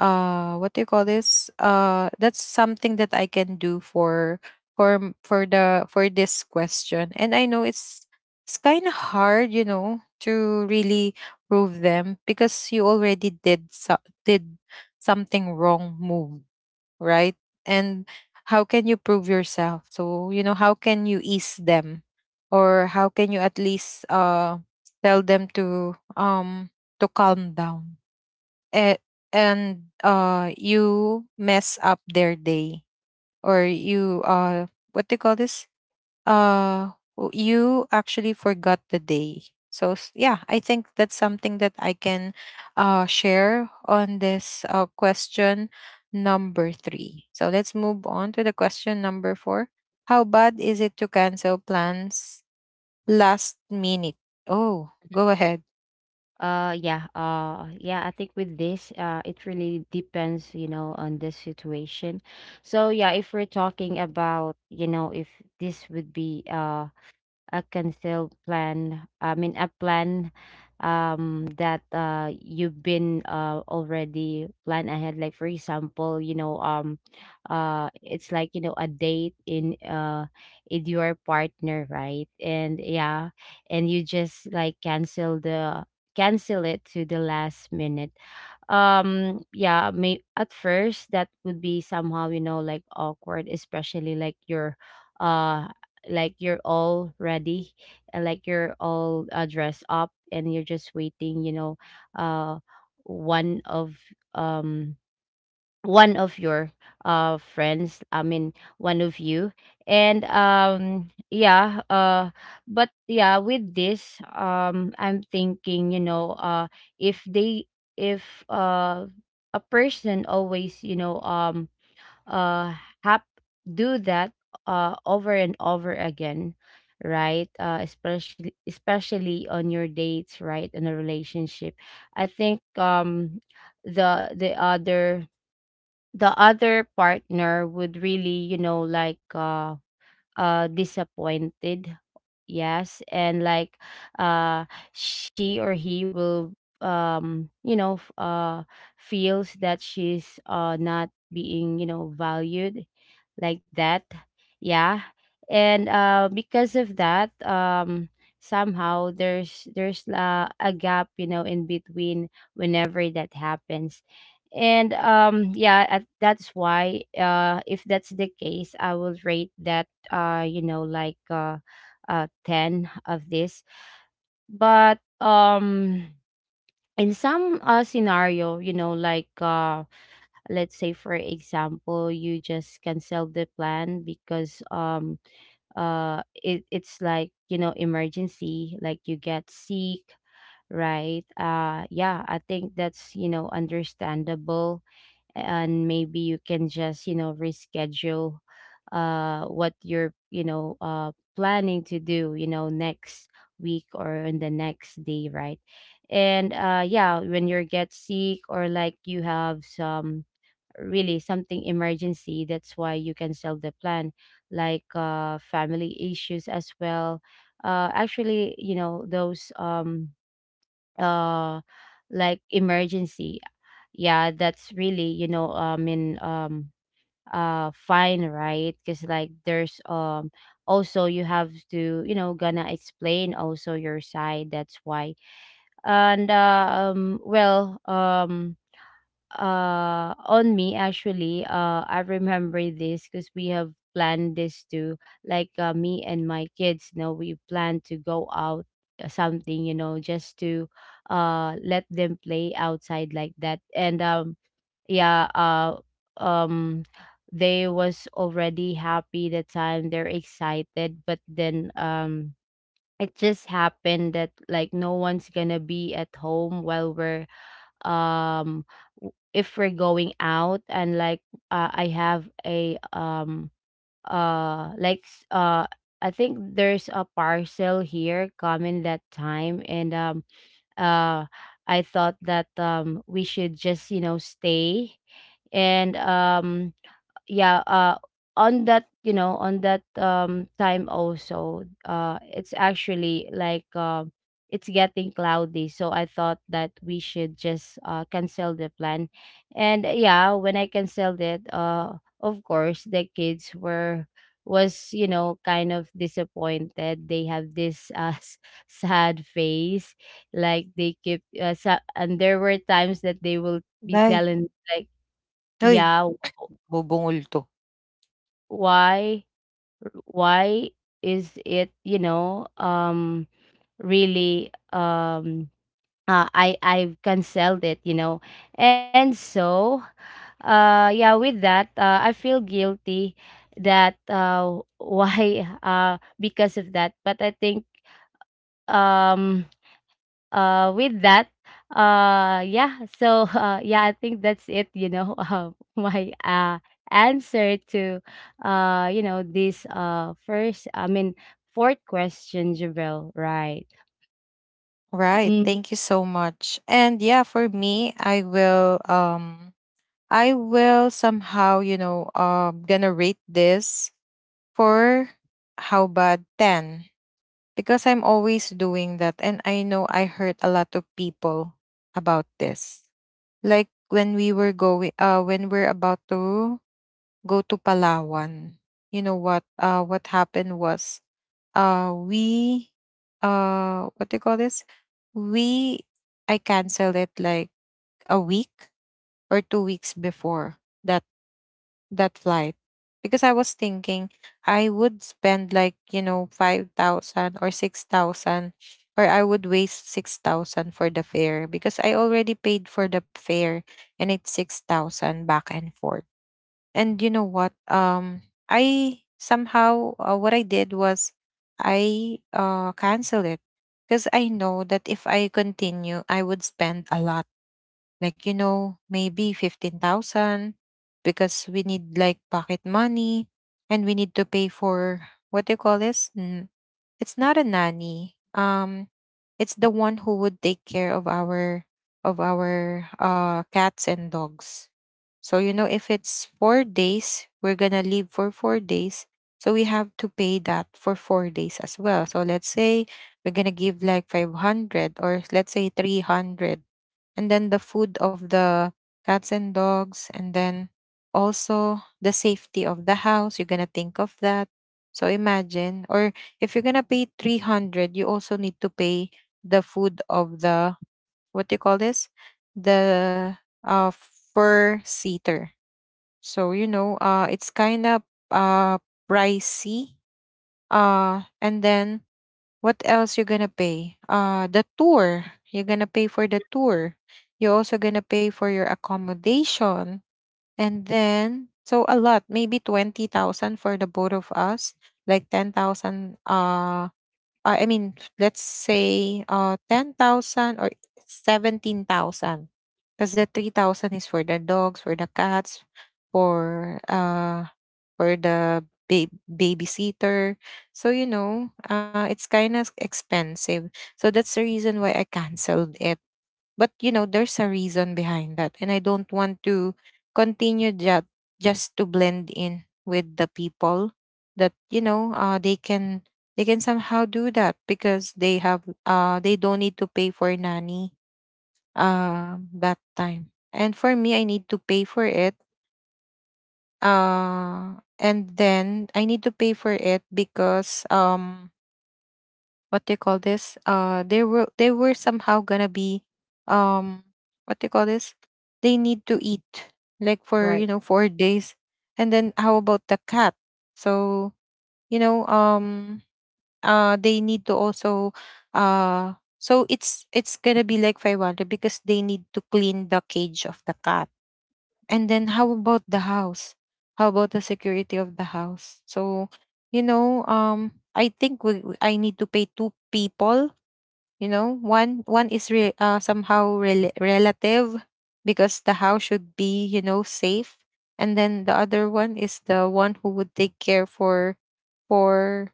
[SPEAKER 1] what do you call this, that's something that I can do for m- for the for this question. And I know it's kind of hard, to really prove them, because you already did, did something wrong move, right? And how can you prove yourself? So, how can you ease them? Or how can you at least, tell them to calm down? And, and you mess up their day, or you, what do you call this? You actually forgot the day. So, yeah, I think that's something that I can, share on this, question number three. So let's move on to the question number four. How bad is it to cancel plans last minute? Oh, go ahead.
[SPEAKER 2] Yeah, I think with this, it really depends, you know, on the situation. So yeah, if we're talking about, you know, if this would be a cancel plan I mean a plan that you've been already plan ahead, like for example, you know, it's like, you know, a date in with your partner, right? And yeah, and you just like cancel it to the last minute. Um, yeah, may at first that would be somehow, you know, like awkward, especially uh like you're all ready, and like you're all dressed up and you're just waiting, you know. uh one of um one of your one of you. And yeah, but yeah, with this I'm thinking, you know, if they if a person always, you know, uh hap do that over and over again, right? Especially on your dates, right, in a relationship. I think the the other the other partner would really, you know, like disappointed, yes. And like uh she or he will you know feels that she's not being, you know, valued like that, yeah. And because of that somehow there's a gap, you know, in between whenever that happens. And yeah, that's why if that's the case, I will rate that you know like 10 of this. But in some scenario, you know, like let's say, for example, you just cancel the plan because it's like, you know, emergency, like you get sick, right? Yeah, I think that's, you know, understandable. And maybe you can just, you know, reschedule what you're, you know, planning to do, you know, next week or in the next day, right? And yeah, when you get sick or like you have some really something emergency, that's why you cancel the plan, like family issues as well. Actually, you know, those uh like emergency, yeah, that's really, you know, I mean, fine, right? Because like there's also, you have to, you know, gonna explain also your side, that's why. And well, on me actually I remember this because we have planned this too. Like me and my kids, you know, we plan to go out, something, you know, just to let them play outside like that. And yeah, um they was already happy, the time they're excited, but then it just happened that like no one's gonna be at home while we're um if we're going out, and like I have a uh like s- uh I think there's a parcel here coming that time. And uh I thought that we should just, you know, stay. And yeah, on that, you know, on that time, also it's actually like it's getting cloudy, so I thought that we should just cancel the plan. And yeah, when I canceled it, of course the kids were was, you know, kind of disappointed. They have this sad face. Like they keep and there were times that they will be
[SPEAKER 1] Dai.
[SPEAKER 2] telling like,
[SPEAKER 1] Hoy,
[SPEAKER 2] yeah,
[SPEAKER 1] bubungol to.
[SPEAKER 2] why why is it, you know, really, I've canceled it, you know. And so yeah, with that I feel guilty that why because of that, but I think um with that, yeah, so yeah, I think that's it, you know, my answer to you know this first I mean fourth question, javel, right?
[SPEAKER 1] Right.
[SPEAKER 2] Mm,
[SPEAKER 1] Thank you so much. And yeah, for me, I will, I will somehow, gonna rate this for how bad 10, because I'm always doing that. And I know I hurt a lot of people about this. Like when we were going, when we're about to go to Palawan, you know what happened was, uh, we, what do you call this? We, I canceled it like a week or 2 weeks before that that flight because I was thinking I would spend like, you know, 5,000 or 6,000, or I would waste 6,000 for the fare because I already paid for the fare, and it's 6,000 back and forth. And you know what? I somehow, what I did was I cancel it because I know that if I continue I would spend a lot, like, you know, maybe 15,000, because we need like pocket money and we need to pay for, what do you call this? It's not a nanny, it's the one who would take care of our, of our cats and dogs. So you know, if it's 4 days, we're going to leave for 4 days, so we have to pay that for 4 days as well. So let's say we're going to give like 500, or let's say 300, and then the food of the cats and dogs, and then also the safety of the house. You're gonna think of that. So imagine, or if you're gonna pay 300, you also need to pay the food of the, what do you call this? The uh, fur seater. So, you know, it's kind of uh, pricey. And then what else you gonna pay? The tour. You're gonna pay for the tour. You're also gonna pay for your accommodation. And then, so a lot, maybe 20,000 for the both of us, like 10,000 I mean, let's say 10,000 or 17,000. Because the 3,000 is for the dogs, for the cats, for uh, for the babysitter. So, you know, it's kind of expensive. So that's the reason why I canceled it, but you know, there's a reason behind that, and I don't want to continue that just to blend in with the people that, you know, they can, they can somehow do that because they have, they don't need to pay for nanny that time, and for me, I need to pay for it. uh and then I need to pay for it because, what do you call this, they were, they were somehow gonna be, um what do you call this, they need to eat like for,
[SPEAKER 2] right.
[SPEAKER 1] you know, 4 days. And then how about the cat? So, you know, they need to also, uh so it's, gonna be like 500 because they need to clean the cage of the cat. And then how about the house? How about the security of the house? So, you know, I think I need to pay two people. You know, one is somehow relative, because the house should be, you know, safe. And then the other one is the one who would take care for, for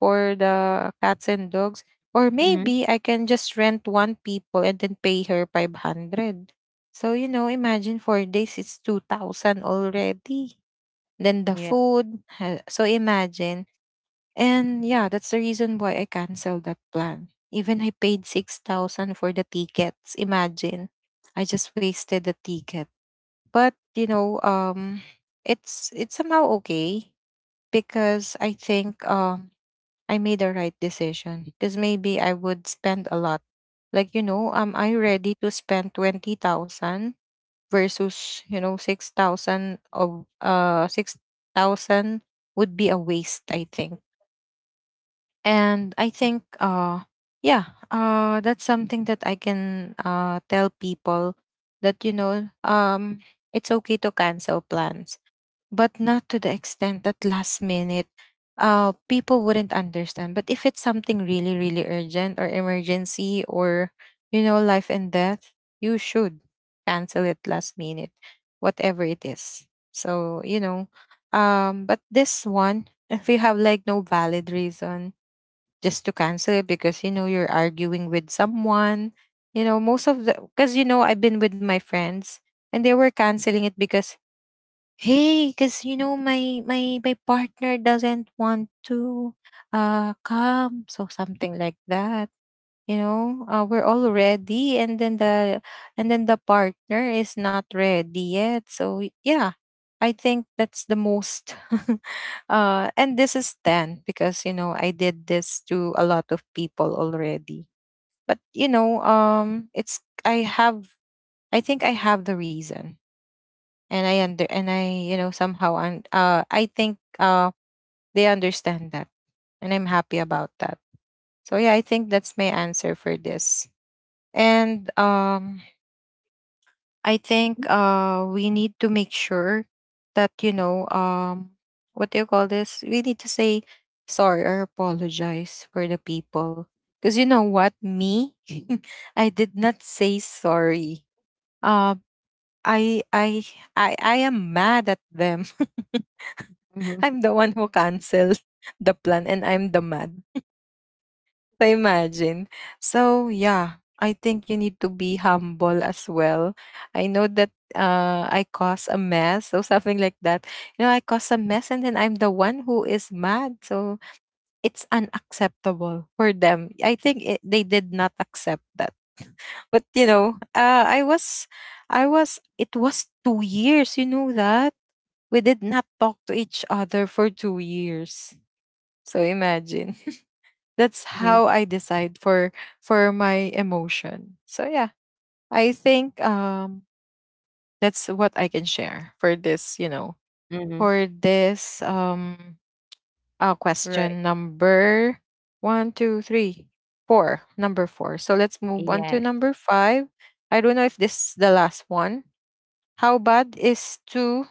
[SPEAKER 1] for the cats and dogs. Or
[SPEAKER 2] Mm-hmm,
[SPEAKER 1] maybe I can just rent one people and then pay her 500. So, you know, imagine, 4 days, it's 2000 already. Then the
[SPEAKER 2] yeah.
[SPEAKER 1] food so imagine. And yeah, that's the reason why I canceled that plan. Even I paid 6,000 for the tickets. Imagine. I just wasted the ticket. But, you know, it's, somehow okay because I think I made the right decision because maybe I would spend a lot. Like, you know, am I ready to spend 20,000 versus, you know, 6,000? Of 6,000 would be a waste, I think. And i think uh yeah, that's something that I can tell people, that, you know, it's okay to cancel plans, but not to the extent that last minute, people wouldn't understand. But if it's something really, really urgent, or emergency, or, you know, life and death, you should cancel it last minute, whatever it is. So, you know, but this one, if you have like no valid reason, just to cancel it because, you know, you're arguing with someone, you know, most of the, because, you know, I've been with my friends, and they were canceling it because, hey, because, you know, my my partner doesn't want to come, so something like that. You know, we're all ready, and then the, and then the partner is not ready yet, so yeah, I think that's the most. And this is 10 because, you know, I did this to a lot of people already. But you know, it's, I have, I think I have the reason, and I you know, somehow, and I think they understand that, and I'm happy about that. So yeah, I think that's my answer for this. And I think we need to make sure that, you know, what do you call this, we need to say sorry or apologize for the people, because you know what, me, I did not say sorry. um I, I am mad at them.
[SPEAKER 2] Mm-hmm.
[SPEAKER 1] I'm the one who canceled the plan, and I'm the mad. I imagine. So yeah, I think you need to be humble as well. I know that, I cause a mess or something like that. You know, I cause a mess, and then I'm the one who is mad. So it's unacceptable for them. I think it, they did not accept that. But you know, I was, I was. It was 2 years. You know that we did not talk to each other for 2 years. So imagine, that's
[SPEAKER 2] Mm-hmm.
[SPEAKER 1] how I decide for my emotion. So yeah, I think that's what I can share for this, you know,
[SPEAKER 2] Mm-hmm.
[SPEAKER 1] for this,
[SPEAKER 2] Right.
[SPEAKER 1] question number one, two, three, four, number four. So let's move on to
[SPEAKER 2] Yes.
[SPEAKER 1] number five. I don't know if this is the last one. How bad is to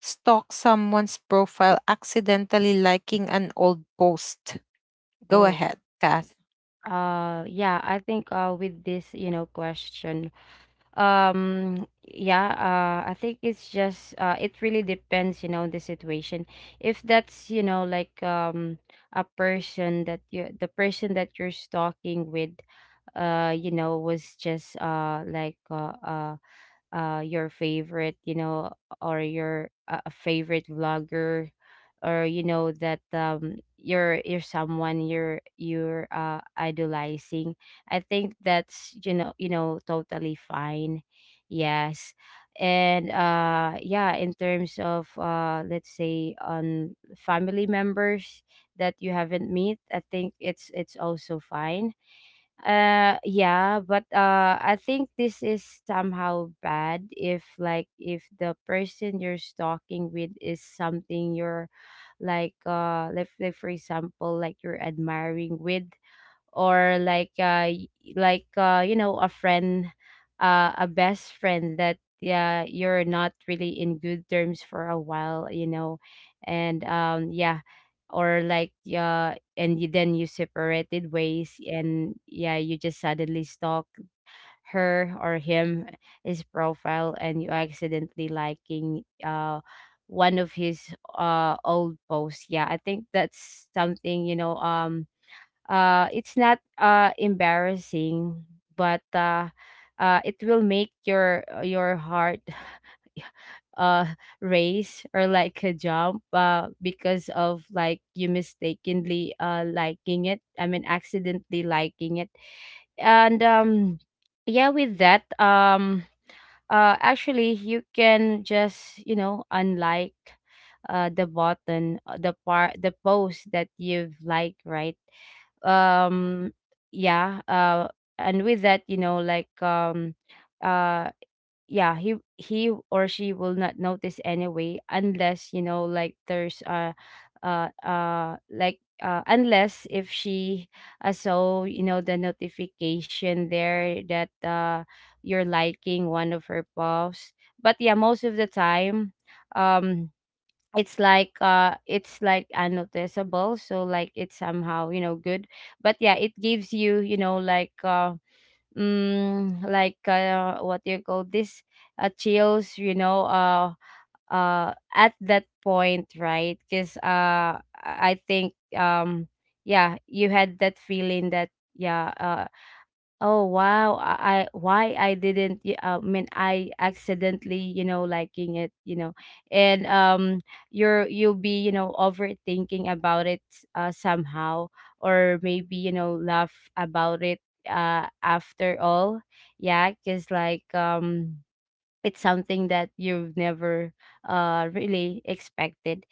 [SPEAKER 1] stalk someone's profile, accidentally liking an old post? Go
[SPEAKER 2] Oh,
[SPEAKER 1] ahead, Kath.
[SPEAKER 2] yeah, I think with this, you know, question, yeah, I think it's just it really depends, you know, the situation. If that's, you know, like a person that you the person that you're stalking with, you know, was just like your favorite, you know, or your a favorite vlogger, or you know that you're someone you're idolizing, I think that's, you know, you know, totally fine, yes. And yeah, in terms of let's say, on family members that you haven't met, I think it's also fine. Yeah, but I think this is somehow bad, if like if the person you're stalking with is something you're like, for example, like you're admiring with, or like like you know, a friend, a best friend that yeah you're not really in good terms for a while, you know. And yeah, or like yeah, and you, then you separated ways, and yeah you just suddenly stalk her or him, his profile, and you accidentally liking one of his old posts. Yeah, I think that's something, you know, it's not embarrassing, but it will make your heart uh race, or like a jump, because of like you mistakenly liking it, I mean, accidentally liking it. And yeah, with that actually you can just, you know, unlike the button, the part, the post that you've liked, right? um yeah, and with that, you know, like uh yeah, he or she will not notice anyway, unless you know like there's unless if she saw, you know, the notification there that you're liking one of her posts. But yeah, most of the time um it's like unnoticeable, so like it's somehow, you know, good. But yeah, it gives you, you know, like mm, like what do you call this, chills, you know, at that point, right? Because I think yeah, you had that feeling that yeah. Oh wow! I why I didn't. I mean, I accidentally, you know, liking it, you know. And you'll be, you know, overthinking about it somehow, or maybe, you know, laugh about it after all. Yeah, because like it's something that you've never really expected.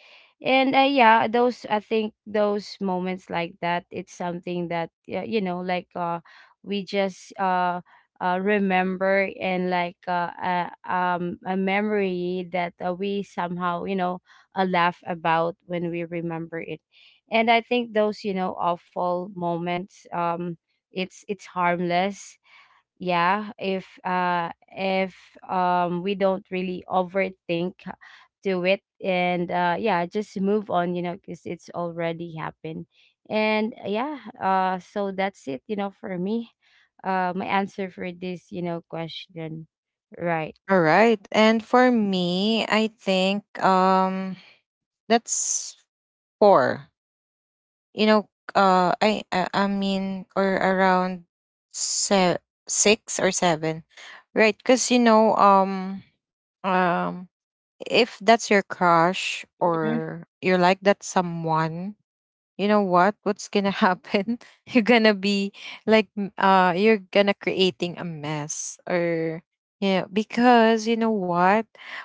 [SPEAKER 2] And yeah, those, I think those moments like that, it's something that you know like we just remember, and like a memory that we somehow, you know, laugh about when we remember it. And I think those, you know, awful moments, it's harmless, yeah. If if we don't really overthink to it, and yeah, just move on, you know, because it's already happened. And yeah, so that's it, you know, for me. My answer for this, you know, question, right?
[SPEAKER 1] All right. And for me, I think that's four. You know, I mean, or around se- six or seven. Right, cuz you know, um if that's your
[SPEAKER 2] Mm-hmm.
[SPEAKER 1] crush, or you like that someone, you know what what's gonna happen. You're gonna be like, you're gonna creating a mess, or yeah, because you know what,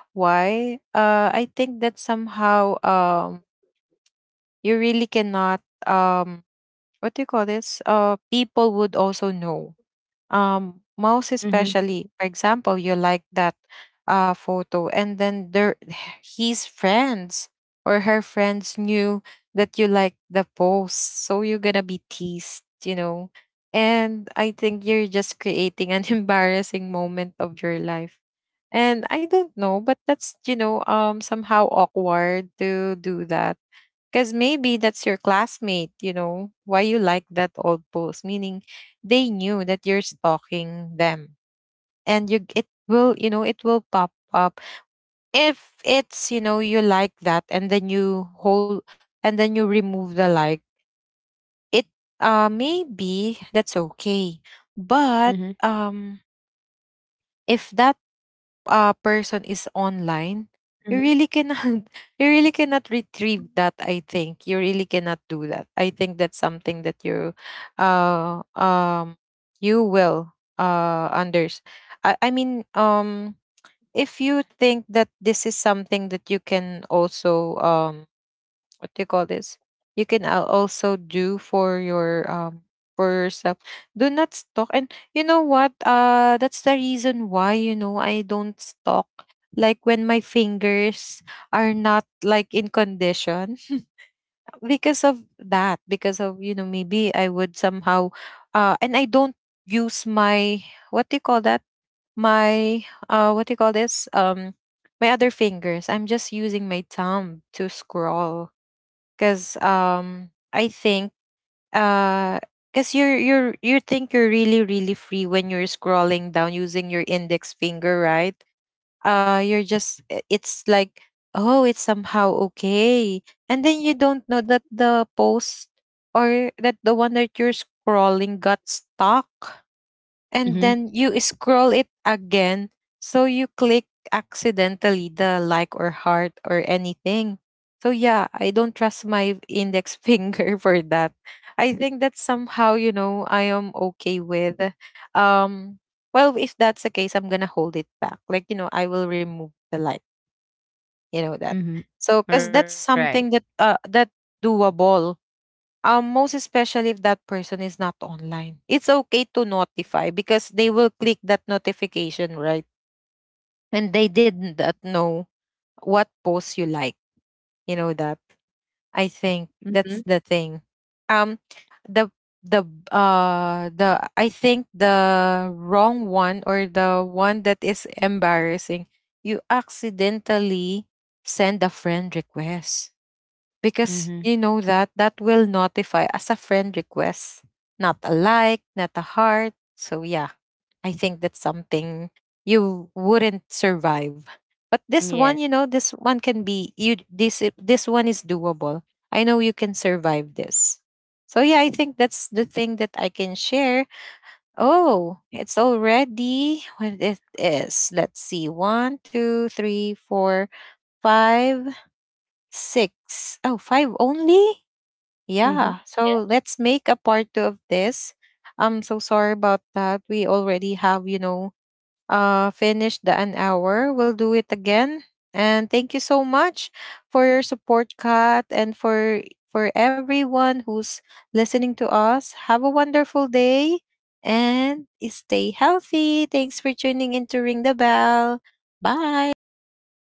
[SPEAKER 1] why I think that somehow, you really cannot, what do you call this, people would also know, mouse,
[SPEAKER 2] Mm-hmm.
[SPEAKER 1] especially for example, you like that photo, and then there, his friends or her friends knew that you like the post, so you're gonna be teased, you know. And I think you're just creating an embarrassing moment of your life. And I don't know, but that's, you know, somehow awkward to do that, because maybe that's your classmate. You know, why you like that old post, meaning they knew that you're stalking them. And you, it will, you know, it will pop up. If it's, you know, you like that, and then you hold, and then you remove the like, it, maybe that's
[SPEAKER 2] Mm-hmm.
[SPEAKER 1] okay. But um if that, a person
[SPEAKER 2] Mm-hmm.
[SPEAKER 1] is online, you really cannot you really cannot retrieve that. I think you really cannot do that. I think that's something that you, uh, um, you will unders. I mean, if you think that this is something that you can also, what do you call this, you can also do for your, for yourself, do not stalk. And you know what, that's the reason why, you know, I don't stalk, like when my fingers are not like in condition, because of that, because of, you know, maybe I would somehow, and I don't use my, what do you call that, my, what do you call this, my other fingers. I'm just using my thumb to scroll because, I think, uh because you're, you think you're really, really free when you're scrolling down using your index finger, right? You're just it's like, oh, it's somehow okay, and then you don't know that the post, or that the one that you're scrolling got stuck,
[SPEAKER 2] Mm-hmm.
[SPEAKER 1] and then you scroll it again, so you click accidentally the like, or heart, or anything. So yeah, I don't trust my index finger for that. I think that somehow, you know, I am okay with, um well, if that's the case, I'm gonna hold it back, like, you know, I will remove the like, you know that.
[SPEAKER 2] Mm-hmm. All
[SPEAKER 1] So because
[SPEAKER 2] right.
[SPEAKER 1] that's something that that doable, most especially if that person is not online. It's okay to notify because they will click that notification, right? And they didn't that know what post you like. You know that. I think
[SPEAKER 2] Mm-hmm.
[SPEAKER 1] that's the thing. Um, the the the I think the wrong one, or the one that is embarrassing, you accidentally send a friend request because
[SPEAKER 2] Mm-hmm.
[SPEAKER 1] you know that that will notify as a friend request, not a like, not a heart. So yeah, I think that's something you wouldn't survive. But this
[SPEAKER 2] Yeah.
[SPEAKER 1] one, you know, this one can be you, this one is doable. I know you can survive this. So yeah, I think that's the thing that I can share. Oh, it's already what it is. Let's see. One, two, three, four, five, six. Oh, five only?
[SPEAKER 2] Mm-hmm.
[SPEAKER 1] Yeah, so let's make a part two of this. I'm so sorry about that. We already have, you know, finished the an hour. We'll do it again. And thank you so much for your support, Kat, and for everyone who's listening to us. Have a wonderful day, and stay healthy. Thanks for tuning in to Ring the Bell. Bye.